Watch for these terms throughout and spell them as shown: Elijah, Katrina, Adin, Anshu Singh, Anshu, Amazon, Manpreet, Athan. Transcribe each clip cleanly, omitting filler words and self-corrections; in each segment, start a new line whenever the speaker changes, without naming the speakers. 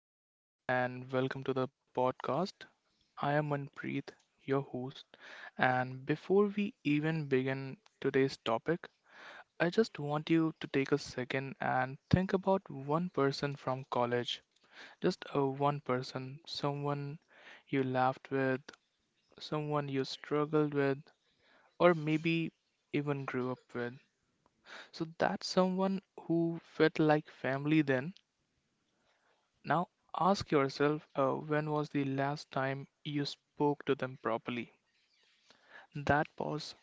everyone, and welcome to the podcast. I am Manpreet, your host. And before we even begin today's topic, I just want you to take a second and think about one person from college. Just a one person, someone you laughed with, someone you struggled with, or maybe even grew up with. So that's someone who felt like family then. Now ask yourself, when was the last time you spoke to them properly? That pause,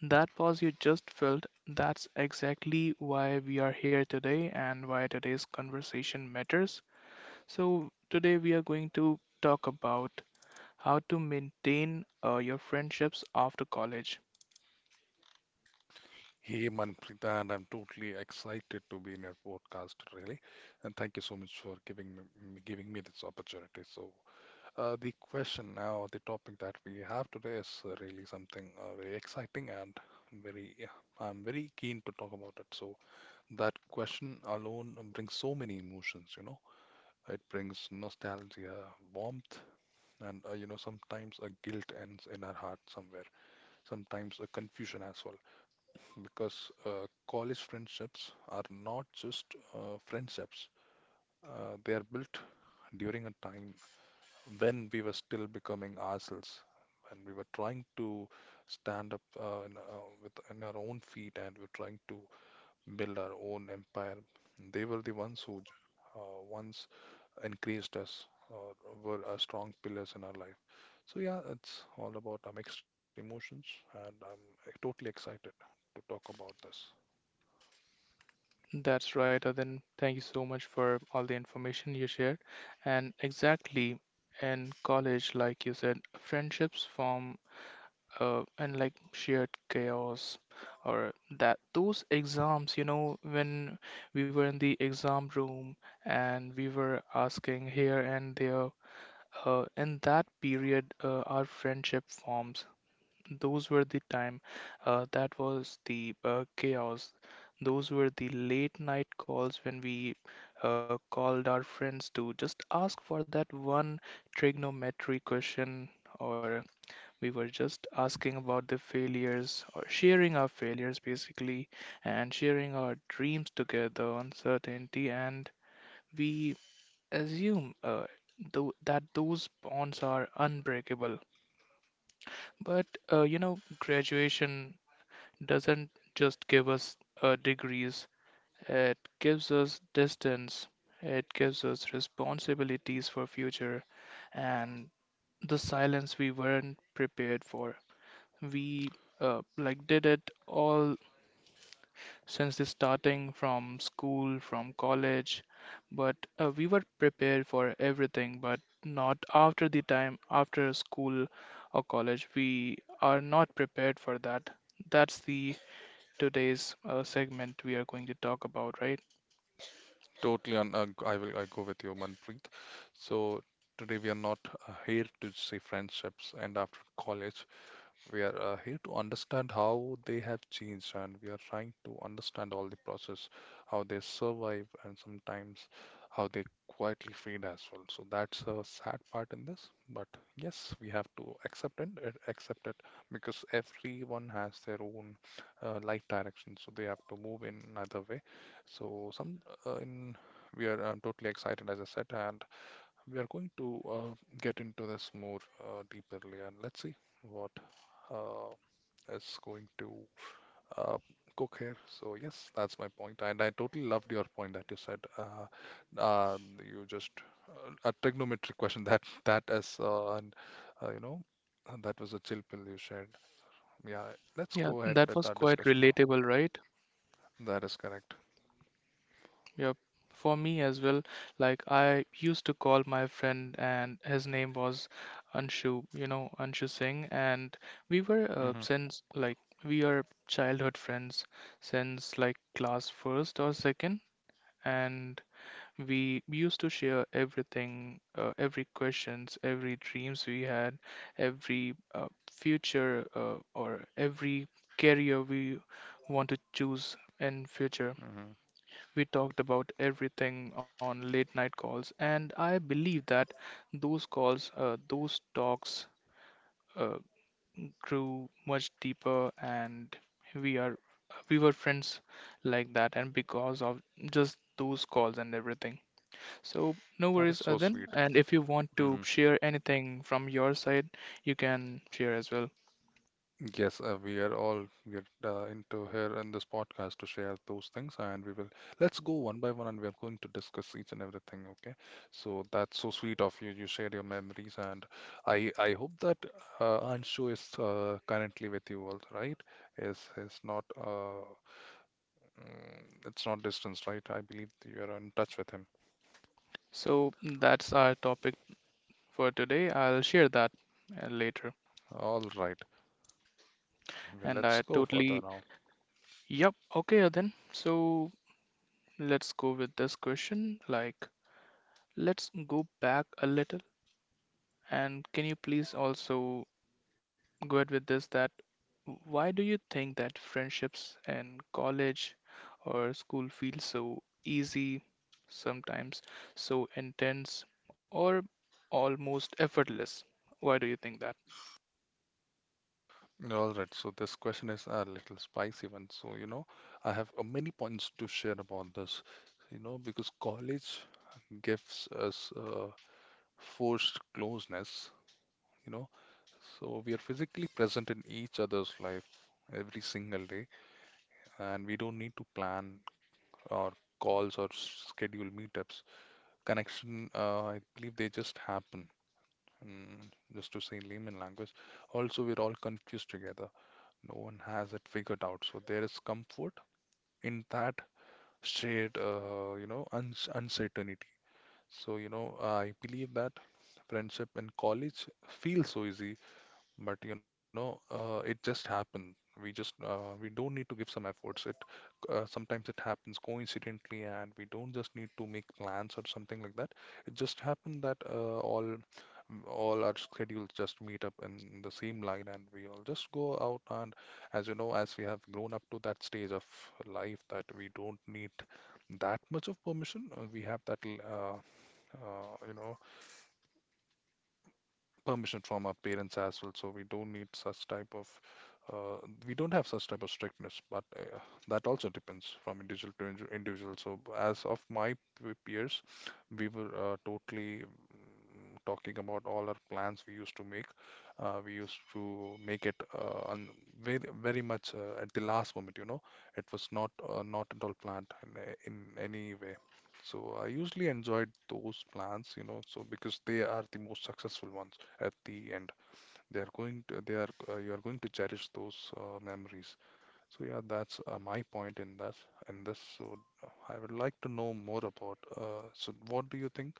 that pause you just felt, that's exactly why we are here today and why today's conversation matters. So, today we are going to talk about how to maintain your friendships after college.
Hey Manpreet, and I'm totally excited to be in your podcast, really. And thank you so much for giving me this opportunity. So, the question now, the topic that we have today is really something, very exciting and very, yeah, I'm very keen to talk about it. So that question alone brings so many emotions. It brings nostalgia, warmth, and sometimes a guilt ends in our heart somewhere. Sometimes a confusion as well. Because college friendships are not just friendships. They are built during a time when we were still becoming ourselves, when we were trying to stand up with on our own feet, and we're trying to build our own empire. They were the ones who uh, once encouraged us or were our strong pillars in our life. So, yeah, it's all about our mixed emotions, and I'm totally excited to talk about this.
That's right, Aden. Thank you so much for all the information you shared. And exactly in college, like you said, friendships form, and like shared chaos or that those exams, you know, when we were in the exam room and we were asking here and there, in that period our friendship forms. Those were the time, that was the chaos. Those were the late night calls when we called our friends to just ask for that one trigonometry question, or we were just asking about the failures or sharing our failures basically, and sharing our dreams together, uncertainty, and we assume that those bonds are unbreakable. But you know, graduation doesn't just give us degrees, it gives us distance, it gives us responsibilities for future, and the silence we weren't prepared for. We like did it all since the starting from school, from college, but we were prepared for everything, but not after the time after school or college. We are not prepared for that. That's the today's segment we are going to talk about, right?
Totally, and I go with you, Manpreet. So today we are not here to see friendships end after college. We are here to understand how they have changed, and we are trying to understand all the process, how they survive, and sometimes how they quietly fade as well. So that's a sad part in this, but yes, we have to accept it, because everyone has their own life direction, so they have to move in another way. So some in we are totally excited, as I said, and we are going to get into this more deeperly, and let's see what uh, is going to uh, cook here. So yes, that's my point, and I totally loved your point that you said. You just a trigonometric question that is and you know and that was a chill pill you shared. Yeah, let's
Yeah,
go ahead
that
with
was
our
quite
discussion now.
relatable, right?
That is correct.
Yep. For me as well, like I used to call my friend and his name was Anshu, you know, Anshu Singh, and we were uh,
Hmm.
since like we are childhood friends since like class first or second, and we used to share everything, every questions, every dreams we had, every future or every career we want to choose in future.
Hmm.
We talked about everything on late night calls, and I believe that those calls, those talks, uh, grew much deeper, and we are we were friends like that, and because of just those calls and everything. So no
That is
worries,
so
Aden.
sweet.
And if you want to share anything from your side, you can share as well.
Yes, we are all get into here in this podcast to share those things, and we will, let's go one by one, and we are going to discuss each and everything. Okay, so that's so sweet of you. You shared your memories, and I hope that Anshu is currently with you all, right? Is not uh mm, it's not distance, right? I believe you are in touch with him.
So that's our topic for today. I'll share that later.
All right, well,
And
let's
I
go further
totally.
now.
Yep, okay, then. So let's go with this question. Like, let's go back a little. And can you please also go ahead with this that why do you think that friendships in college or school feel so easy sometimes, so intense or almost effortless? Why do you think that?
All right, so this question is a little spicy one. So, I have many points to share about this, because college gives us forced closeness, you know, so we are physically present in each other's life every single day, and we don't need to plan our calls or schedule meetups. Connection, I believe they just happen, mm, just to say in layman language. Also, we're all confused together. No one has it figured out. So there is comfort in that shared, you know, uns uncertainty. So, I believe that friendship in college feels so easy, but it just happened. We don't need to give some efforts. It sometimes it happens coincidentally, and we don't just need to make plans or something like that. It just happened that all our schedules just meet up in the same line, and we all just go out. And as you know, as we have grown up to that stage of life, that we don't need that much of permission. We have that uh, you know permission from our parents as well, so we don't need such type of uh, we don't have such type of strictness, but that also depends from individual to individual, so as of my peers, we were totally talking about all our plans we used to make. We used to make it on very much at the last moment. It was not at all planned in, in any way. So I usually enjoyed those plans, so because they are the most successful ones at the end. They are going to they are you are going to cherish those memories. So, yeah, that's my point in that in this. So, I would like to know more about. So, what do you think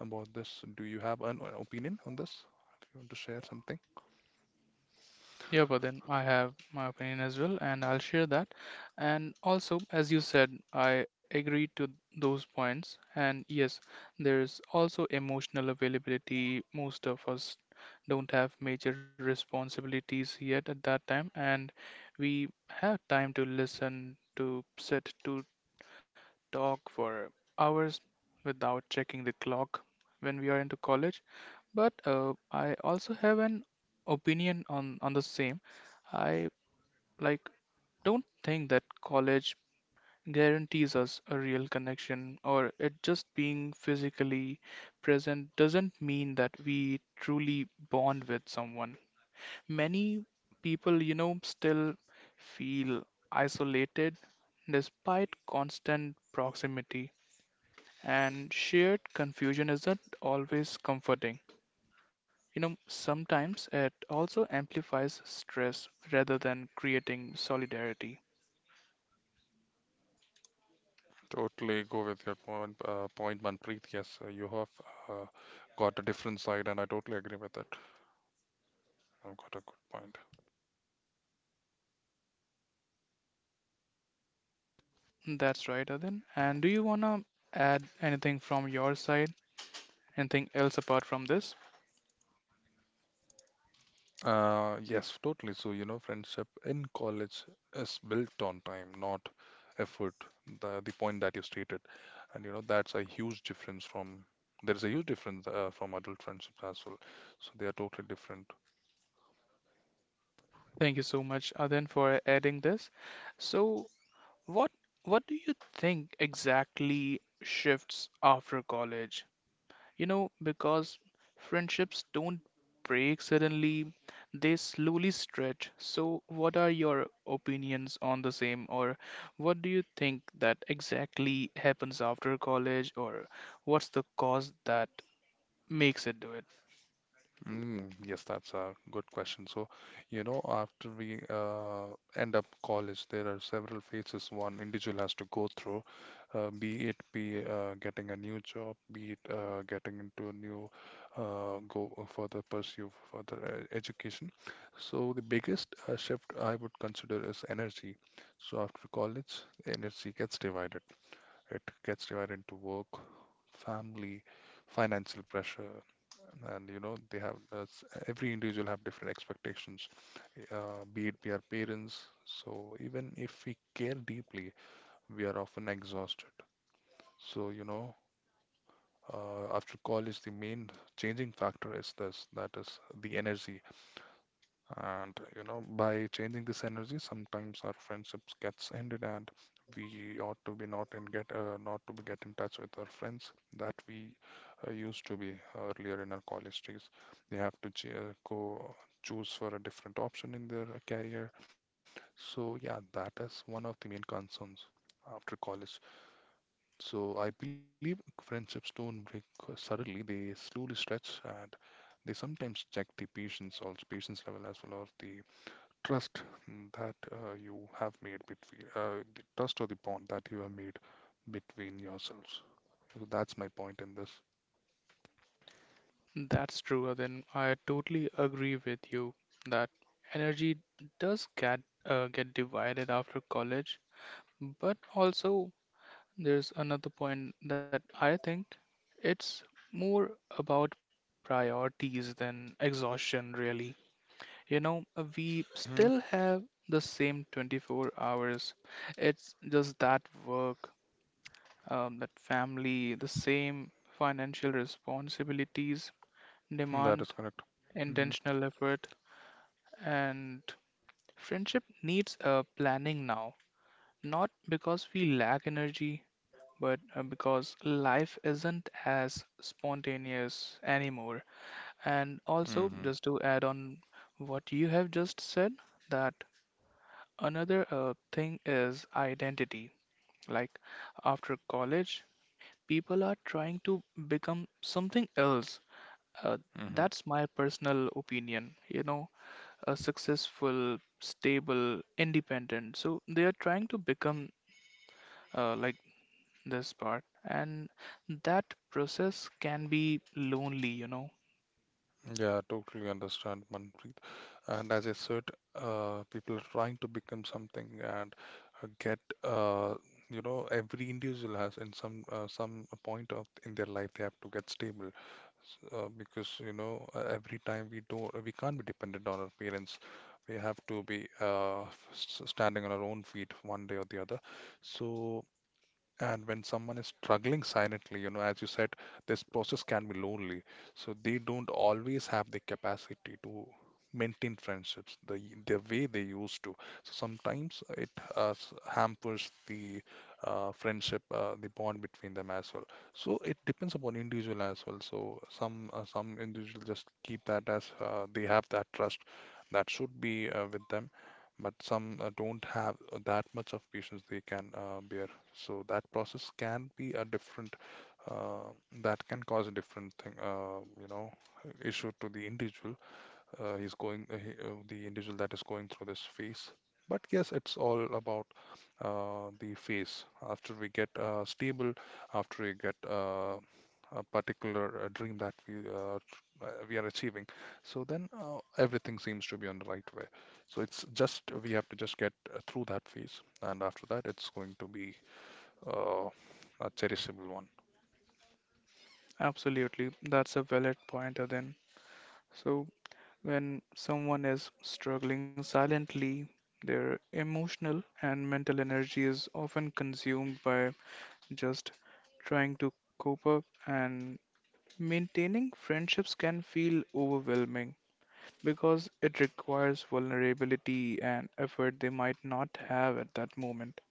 about this? Do you have an opinion on this? If you want to share something.
Yeah, but then I have my opinion as well, and I'll share that. And also, as you said, I agree to those points. And yes, there's also emotional availability. Most of us don't have major responsibilities yet at that time, and we have time to listen, to sit, to talk for hours without checking the clock when we are into college. But I also have an opinion on the same. I like don't think that college guarantees us a real connection, or it just being physically present doesn't mean that we truly bond with someone. Many people, you know, still feel isolated despite constant proximity, and shared confusion isn't always comforting. You know, sometimes it also amplifies stress rather than creating solidarity.
Totally go with your point, Manpreet. Yes, you have uh, got a different side, and I totally agree with it. I've got a good point.
That's right, Adin. And do you want to add anything from your side? Anything else apart from this?
Yes, totally. So, friendship in college is built on time, not effort. The point that you stated, and that's a huge difference from there is a huge difference from adult friendships as well. So they are totally different.
Thank you so much, Adin, for adding this. So, what what do you think exactly shifts after college? You know, because friendships don't break suddenly, they slowly stretch. So, what are your opinions on the same, or what do you think that exactly happens after college, or what's the cause that makes it do it?
Yes, that's a good question. So, after we end up college, there are several phases one individual has to go through, be it be getting a new job, be it getting into a new go further pursue further education. So the biggest shift I would consider is energy. So after college, energy gets divided. It gets divided into work, family, financial pressure, and they have every individual have different expectations, be it we are parents, so even if we care deeply, we are often exhausted. So you know uh, after college, the main changing factor is this, that is the energy. And by changing this energy, sometimes our friendships gets ended, and we ought to be not to be get in touch with our friends that we used to be earlier in our college days. They have to ch go choose for a different option in their career. So, yeah, that is one of the main concerns after college. So I believe friendships don't break suddenly; they slowly stretch, and they sometimes check the patience, also patience level as well, or the trust that you have made between the trust or the bond that you have made between yourselves. So that's my point in this.
That's true, Then I totally agree with you that energy does get divided after college, but also there's another point that I think it's more about priorities than exhaustion, really. You know, we
Hmm.
still have the same 24 hours. It's just that work, that family, the same financial responsibilities
That is
demand
correct. Hmm.
intentional effort, and friendship needs a planning now. Not because we lack energy, but because life isn't as spontaneous anymore. And also,
Hmm.
just to add on what you have just said, that another thing is identity. Like after college, people are trying to become something else. Uh,
Hmm.
that's my personal opinion, you know, a successful, stable, independent. So they are trying to become, like, this part, and that process can be lonely, you know.
Yeah, totally understand, Manpreet. And as I said, people are trying to become something, and uh, get, uh, every individual has, in some point of in their life, they have to get stable. Because every time, we can't be dependent on our parents. We have to be standing on our own feet one day or the other. So and when someone is struggling silently, as you said, this process can be lonely. So they don't always have the capacity to maintain friendships the way they used to. So sometimes it hampers the friendship, the bond between them as well. So it depends upon individual as well. So some individual just keep that as they have that trust that should be with them, but some don't have that much of patience they can bear. So that process can be a uh, that can cause a different thing, issue to the individual. The individual that is going through this phase. But yes, it's all about the phase. After we get stable, after we get a particular dream that we are achieving, so then everything seems to be on the right way. So it's just we have to just get through that phase, and after that, it's going to be, oh, a cherishable one.
Absolutely, that's a valid point then. So when someone is struggling silently, their emotional and mental energy is often consumed by just trying to cope up, and maintaining friendships can feel overwhelming because it requires vulnerability and effort they might not have at that moment.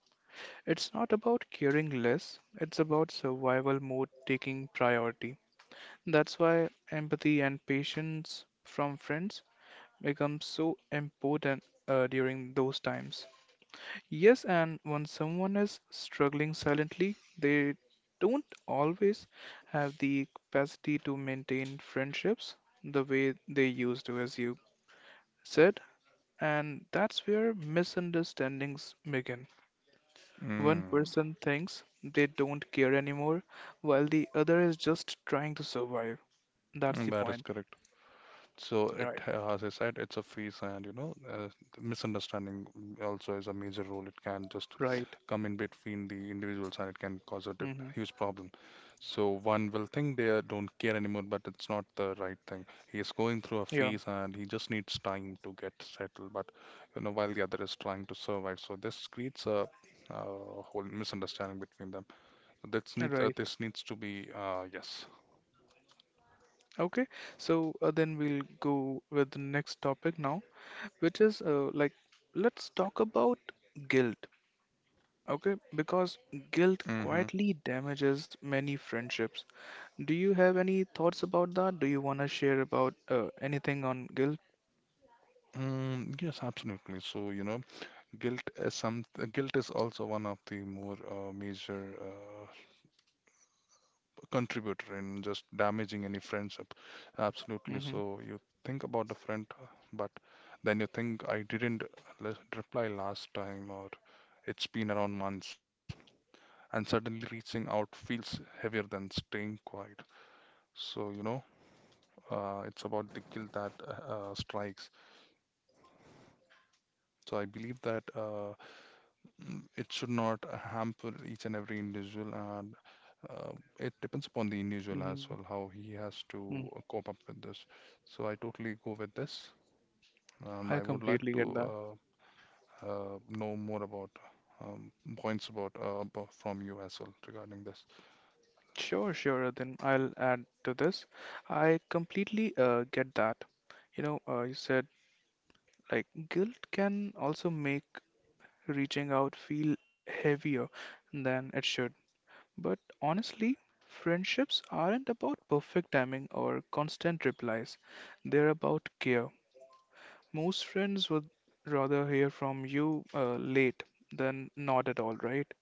It's not about caring less, it's about survival mode taking priority. That's why empathy and patience from friends become so important during those times. Yes, and when someone is struggling silently, they don't always have the capacity to maintain friendships the way they used to, as you said, and that's where misunderstandings begin. One
Mm,
person thinks they don't care anymore, while the other is just trying to survive. That's the
that is
point.
correct. So
Right.
as I said, it's a phase, and misunderstanding also is a major role. It can just
Right.
come in between the individuals, and it can cause a
Mm-hmm.
huge problem. So one will think they don't care anymore, but it's not the right thing. He is going through a
Yeah.
phase, and he just needs time to get settled. But while the other is trying to survive, so this creates a whole misunderstanding between them. That's need
Right.
this needs to be, yes.
Okay. So then we'll go with the next topic now, which is, like, let's talk about guilt. Okay, because guilt
Mm-hmm.
quietly damages many friendships. Do you have any thoughts about that? Do you want to share about anything on guilt?
Yes, absolutely. So, guilt is also one of the more major contributor in just damaging any friendship. Absolutely.
Mm-hmm.
So you think about a friend, but then you think, I didn't reply last time, or it's been around months, and suddenly reaching out feels heavier than staying quiet. So, you know, it's about the guilt that strikes. So I believe that it should not hamper each and every individual, and uh, it depends upon the individual
Mm-hmm.
as well how he has
Mm-hmm.
to cope up with this. So I totally go with this, and
I
I would like
completely
to
get that.
know more about um, points about from you as well regarding this.
Sure, sure. Then I'll add to this. I completely get that. You know, you said like guilt can also make reaching out feel heavier than it should. But honestly, friendships aren't about perfect timing or constant replies. They're about care. Most friends would rather hear from you late than not at all, right?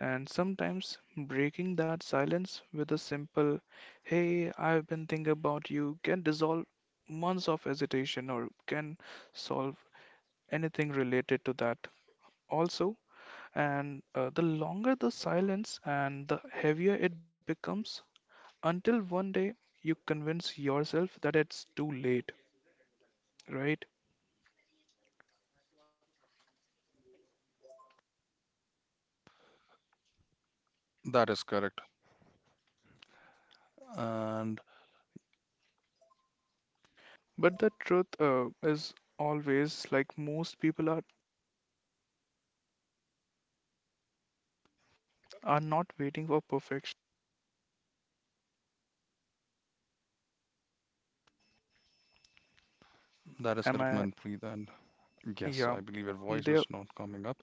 And sometimes breaking that silence with a simple, hey, I've been thinking about you, can dissolve months of hesitation, or can solve anything related to that. Also, and the longer the silence, and the heavier it becomes, until one day you convince yourself that it's too late, right?
That is correct, and
But the truth is always like most people are not waiting for perfection.
that is
Am
correct,
I?
Manpreet. And yes,
Yeah.
I believe your voice
They.
was not coming up.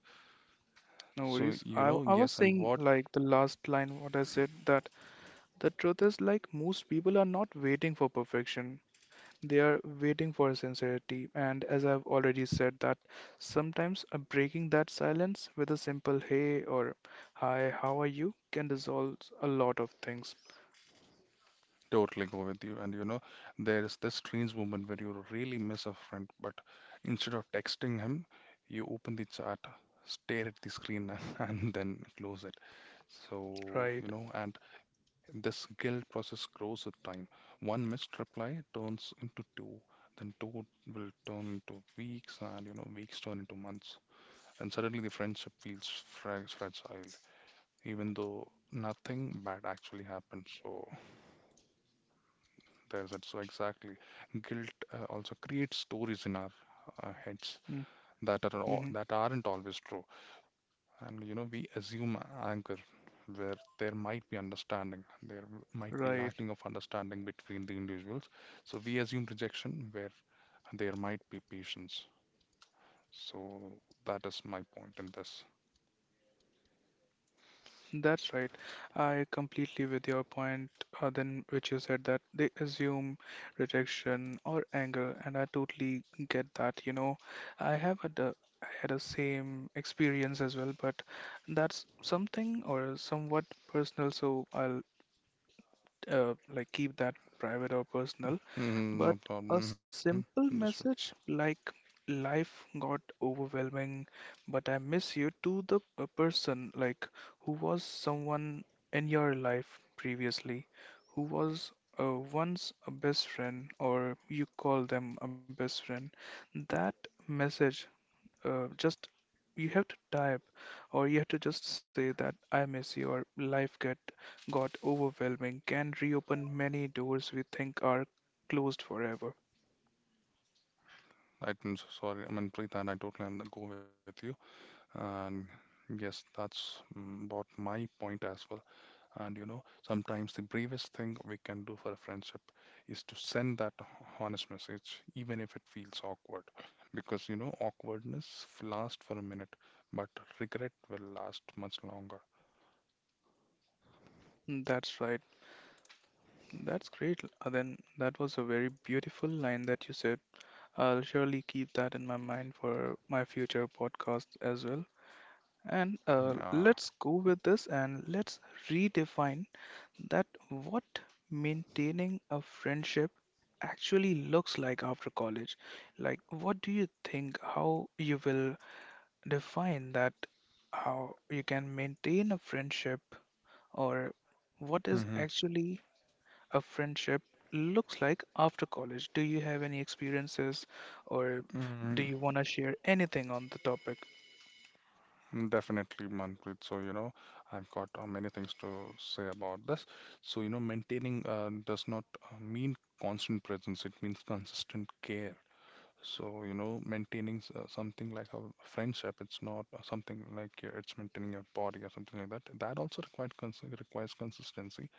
No
So
worries.
you
I,
know,
I was
yes, and
saying,
what
like, the last line, what I said, that the truth is, like, most people are not waiting for perfection. They are waiting for sincerity. And as I've already said, that sometimes breaking that silence with a simple hey or hi, how are you, can dissolve a lot of things.
Totally go with you. And you know, there's this strange moment where you really miss a friend, but instead of texting him, you open the chat, stare at the screen, and then close it. So, you
Right.
know, and This guilt process grows with time. One missed reply turns into two, then two will turn into weeks, and you know, weeks turn into months. And suddenly the friendship feels fragile, even though nothing bad actually happened. So, there's that. So exactly, guilt also creates stories in our heads
Mm-hmm.
that aren't always true, and you know we assume anger, where there might be understanding, there might be
Right.
lacking of understanding between the individuals. So we assume rejection where there might be patience. So that is my point in this.
That's right. I completely with your point, then which you said that they assume rejection or anger, and I totally get that. You know, I have had a I had a same experience as well, but that's something or somewhat personal, so I'll like keep that private or personal,
Mm,
but
no problem.
a
Mm-hmm.
simple
Understood.
message like, life got overwhelming, but I miss you, to the person, like, who was someone in your life previously, who was once a best friend, or you call them a best friend. That message just you have to type, or you have to just say that I miss you, or life get got overwhelming, can reopen many doors we think are closed forever.
I'm sorry. I mean, Preet, and I totally go with you. And yes, that's about my point as well. And you know, sometimes the bravest thing we can do for a friendship is to send that honest message, even if it feels awkward. Because you know, awkwardness lasts for a minute, but regret will last much longer.
Hmm, that's right. That's great. Then that was a very beautiful line that you said. I'll surely keep that in my mind for my future podcast as well. And
Uh,
let's go with this and let's redefine that what maintaining a friendship actually looks like after college. Like, what do you think how you will define that how you can maintain a friendship, or what
hmm
is actually a friendship looks like after college? Do you have any experiences, or do
Mm,
you want to share anything on the topic?
Definitely, Manpreet. So, you know, I've got many things to say about this. So, you know, maintaining does not mean constant presence, it means consistent care. So, you know, maintaining something like a friendship, it's not something like it's maintaining your body or something like that. That also required cons requires consistency.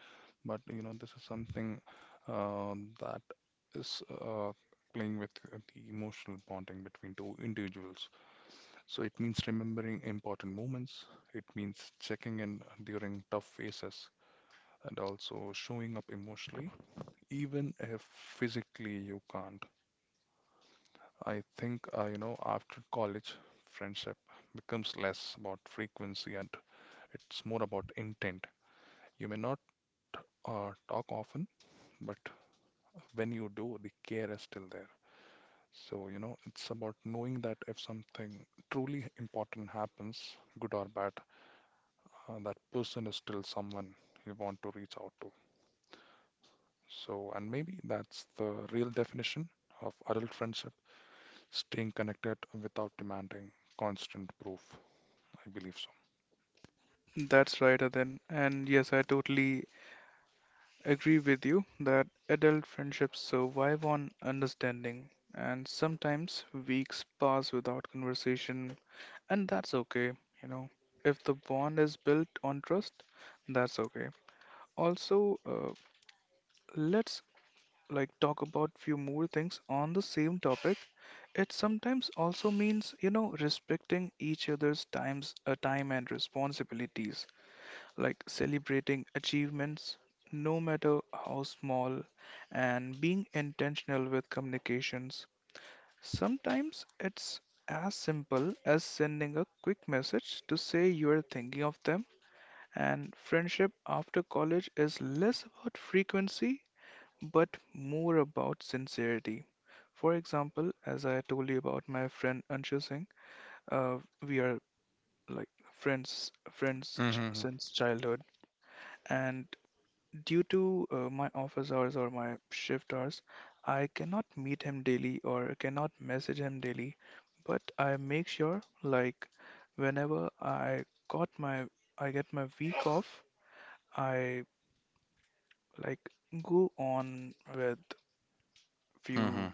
But, you know, this is something that is playing with the emotional bonding between two individuals. So it means remembering important moments. It means checking in during tough phases and also showing up emotionally, even if physically you can't. I think, you know, after college, friendship becomes less about frequency and it's more about intent. You may not talk often, but when you do, the care is still there. So, you know, it's about knowing that if something truly important happens, good or bad, that person is still someone you want to reach out to. So, and maybe that's the real definition of adult friendship, staying connected without demanding constant proof. I believe so.
That's right, Adin. And yes, I totally agree with you that adult friendships survive on understanding, and sometimes weeks pass without conversation, and that's okay, you know. If the bond is built on trust, that's okay. Also, let's like talk about few more things on the same topic. It sometimes also means, you know, respecting each other's times, time and responsibilities, like celebrating achievements, no matter how small, and being intentional with communications. Sometimes it's as simple as sending a quick message to say you are thinking of them, and friendship after college is less about frequency but more about sincerity. For example, as I told you about my friend Anshu Singh, uh, we are like
Mm-hmm.
since childhood. And Due to my office hours or my shift hours, I cannot meet him daily or cannot message him daily, but I make sure like whenever I get my week off, I like go on with few
Mm-hmm.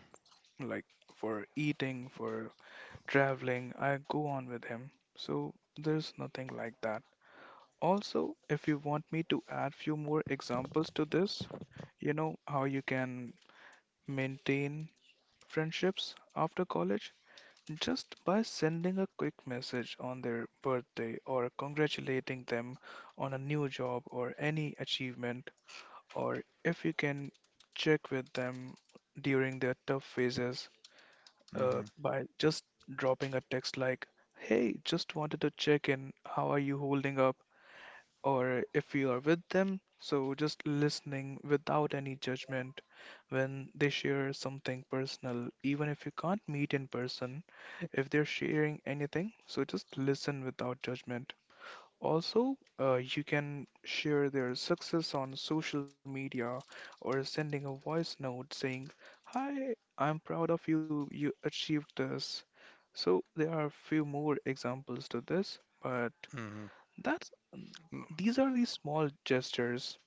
like for eating, for traveling, I go on with him. So there's nothing like that. Also, if you want me to add few more examples to this, you know how you can maintain friendships after college just by sending a quick message on their birthday or congratulating them on a new job or any achievement, or if you can check with them during their tough phases
Mm-hmm.
by just dropping a text like, "Hey, just wanted to check in. How are you holding up?" Or if you are with them, so just listening without any judgment when they share something personal. Even if you can't meet in person, if they're sharing anything, so just listen without judgment. Also, you can share their success on social media or sending a voice note saying, "Hi, I'm proud of you, you achieved this." So, there are a few more examples to this, but
Mm-hmm.
that's these are the small gestures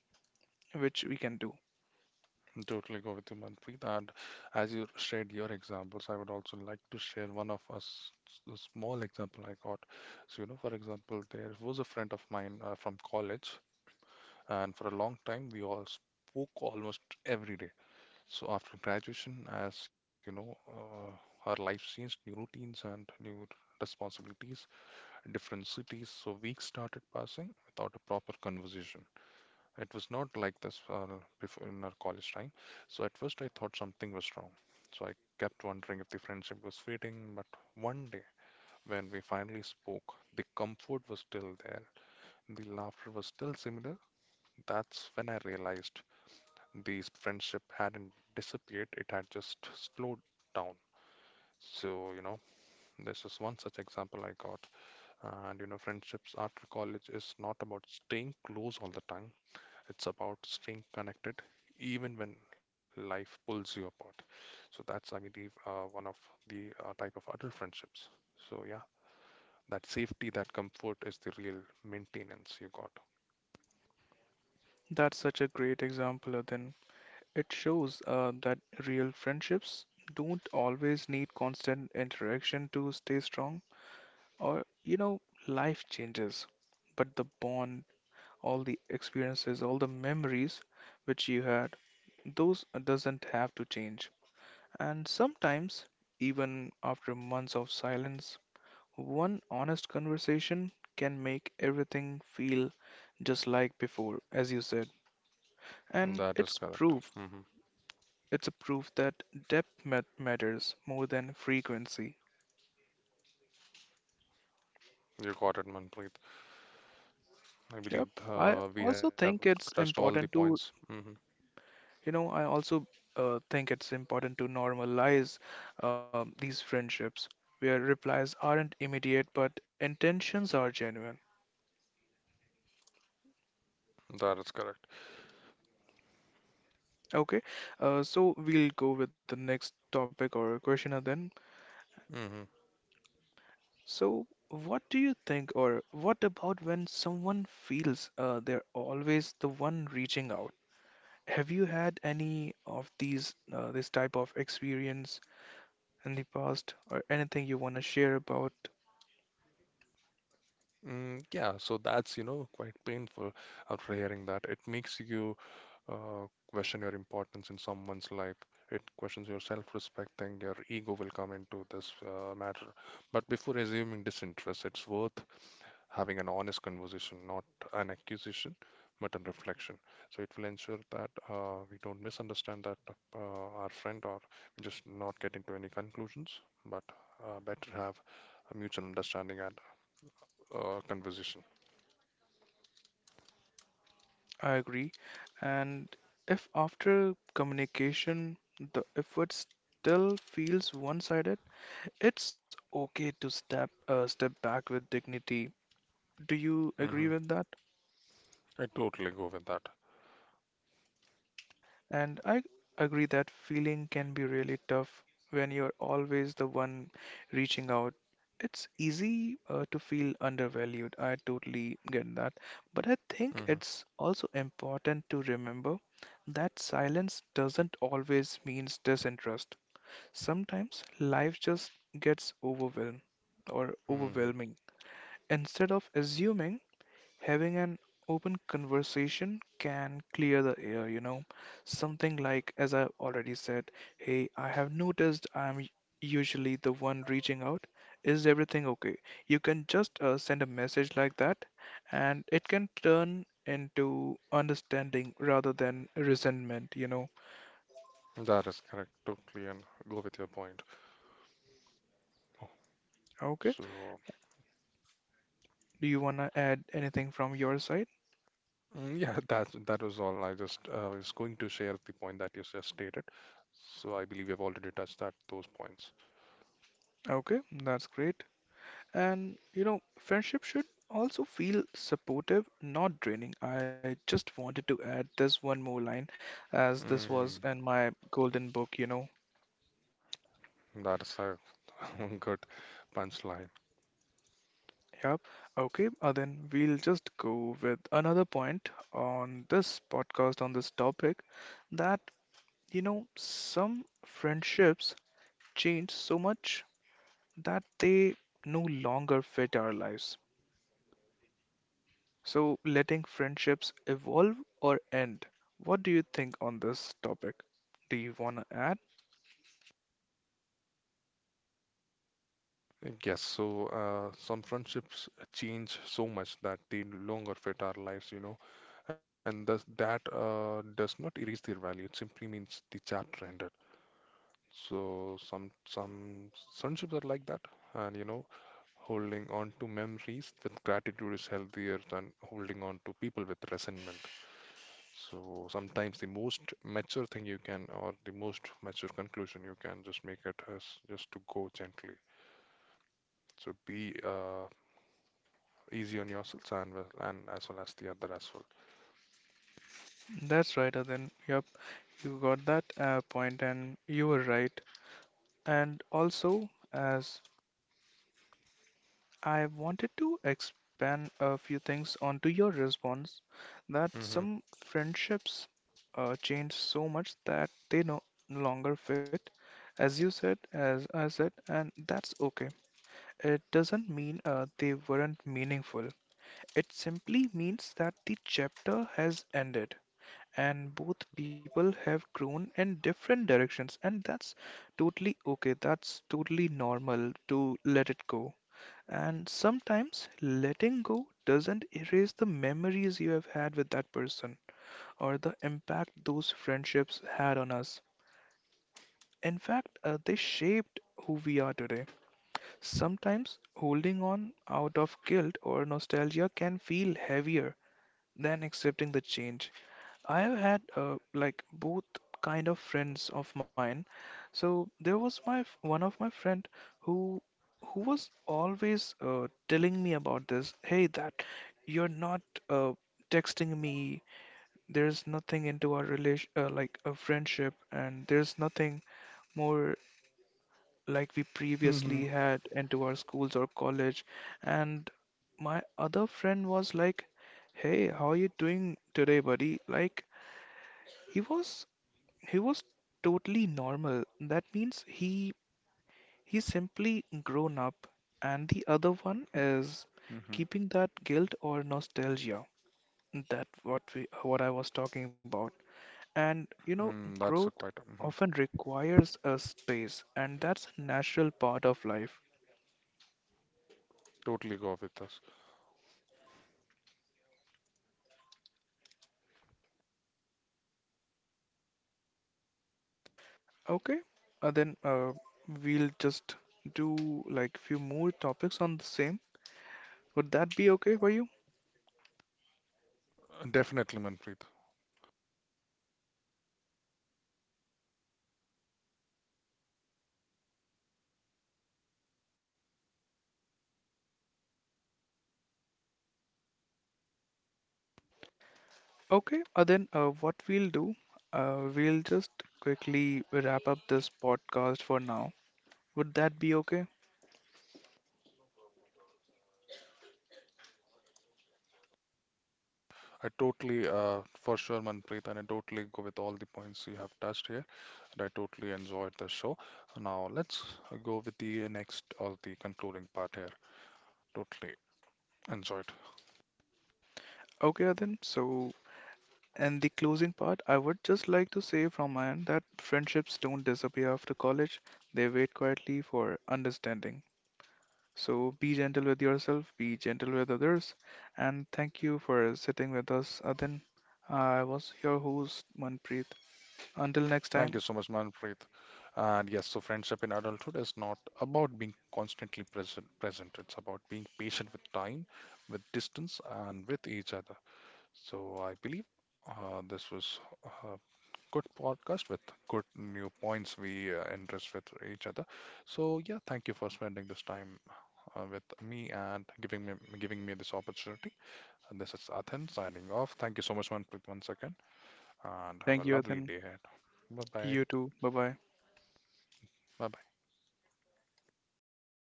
which we can do.
Totally go with you, Manpreet. And as you shared your examples, I would also like to share one of us a small example I got. So, you know, for example, there was a friend of mine from college, and for a long time we all spoke almost every day. So after graduation, as you know, our life changed, new routines and new responsibilities, different cities. So weeks started passing without a proper conversation. It was not like this before in our college time. So at first I thought something was wrong. So I kept wondering if the friendship was fading. But one day, when we finally spoke, the comfort was still there. The laughter was still similar. That's when I realized the friendship hadn't disappeared. It had just slowed down. So, you know, this is one such example I got. And, you know, friendships after college is not about staying close all the time. It's about staying connected even when life pulls you apart. So that's, I believe, one of the type of adult friendships. So yeah, that safety, that comfort is the real maintenance you got.
That's such a great example, Adin. It shows that real friendships don't always need constant interaction to stay strong, or you know, life changes. But the bond, all the experiences, all the memories which you had, those doesn't have to change. And sometimes, even after months of silence, one honest conversation can make everything feel just like before, as you said. And
That is
it's
correct.
proof,
Hmm.
it's a proof that depth matters more than frequency.
You got it, Manpreet. I believe
Yep. I
we have
also think
touched
it's
all the
important
points.
to,
Hmm.
you know, I also think it's important to normalize these friendships where replies aren't immediate but intentions are genuine.
That is correct.
Okay. So we'll go with the next topic or question and then.
Hmm.
So, what do you think, or what about when someone feels they're always the one reaching out? Have you had any of these this type of experience in the past, or anything you want to share about?
Yeah, so that's, you know, quite painful after hearing that. It makes you question your importance in someone's life. It questions your self-respect, and your ego will come into this matter. But before assuming disinterest, it's worth having an honest conversation, not an accusation, but a reflection. So it will ensure that we don't misunderstand that our friend, or we just not get into any conclusions, but better have a mutual understanding and conversation.
I agree. And if after communication the effort still feels one-sided, it's okay to step back with dignity. Do you
Hmm.
agree with that?
I totally go with that.
And I agree that feeling can be really tough when you're always the one reaching out. It's easy to feel undervalued. I totally get that. But I think
Hmm.
it's also important to remember that silence doesn't always mean disinterest. Sometimes life just gets overwhelmed or
Hmm.
overwhelming. Instead of assuming Having an open conversation can clear the air, you know. Something like, as I already said, "Hey, I have noticed I'm usually the one reaching out. Is everything okay?" You can just send a message like that, and it can turn into understanding rather than resentment, you know.
That is correct. Totally, and go with your point.
Okay.
So,
Do you want to add anything from your side?
yeah, that was all. I just was going to share the point that you just stated. So I believe we have already touched that those points.
Okay, that's great. And you know, friendship should also feel supportive, not draining. I just wanted to add this one more line as this was
Mm,
in my golden book, you know.
that is a good punchline.
Yep. Okay, then we'll just go with another point on this podcast on this topic that, you know, some friendships change so much that they no longer fit our lives. So, letting friendships evolve or end. What do you think on this topic? Do you want to add?
Yes, so some friendships change so much that they no longer fit our lives, you know, and thus that does not erase their value. It simply means the chapter ended. So some friendships are like that, and you know, holding on to memories with gratitude is healthier than holding on to people with resentment. So sometimes the most mature conclusion you can just make it is just to go gently. So be easy on yourselves and and as well as the other as well.
That's right, then. Yep, you got that point and you were right. And also, as I wanted to expand a few things onto your response, that
Hmm.
some friendships change so much that they no longer fit. As you said, as I said, and that's okay. It doesn't mean they weren't meaningful. It simply means that the chapter has ended and both people have grown in different directions, and that's totally okay. That's totally normal to let it go. And sometimes letting go doesn't erase the memories you have had with that person or the impact those friendships had on us. In fact, they shaped who we are today. Sometimes holding on out of guilt or nostalgia can feel heavier than accepting the change. I have had like both kind of friends of mine. So there was one of my friend who who was always telling me about this. "Hey, that you're not uh, texting me. There's nothing into our relation like a friendship, and there's nothing more like we
Hmm.
previously had into our schools or college." And my other friend was like, "Hey, how are you doing today, buddy?" Like he was he was totally normal. That means he's simply grown up. And the other one is
Hmm.
keeping that guilt or nostalgia. That what we what I was talking about. And you know,
Mm, that's a
growth
quite. Mhm.
often requires a space, and that's a natural part of life.
Totally go with us.
Okay, then we'll just do like few more topics on the same. Would that be okay for you?
Definitely, Manpreet.
Okay, then what we'll do, we'll just quickly wrap up this podcast for now. Would that be okay?
I totally, for sure, Manpreet, and I totally go with all the points you have touched here, and I totally enjoyed the show. Now let's go with the next or the concluding part here. Totally enjoyed.
Okay, then so and the closing part, I would just like to say from my end that friendships don't disappear after college. They wait quietly for understanding. So be gentle with yourself, be gentle with others, and thank you for sitting with us, Adin. I was your host, Manpreet. Until next
Thank you
time,
so much, Manpreet. And yes, so friendship in adulthood is not about being present. It's about being patient with time, with distance, and with each other. So I believe this was uh, good podcast with good new points we interest with each other. So yeah, thank you for spending this time with me and giving me this opportunity. And this is Athan signing off. Thank you so much once again, and have a
thank you,
lovely
Adin.
day ahead. Bye bye.
You too. Bye bye.
Bye bye.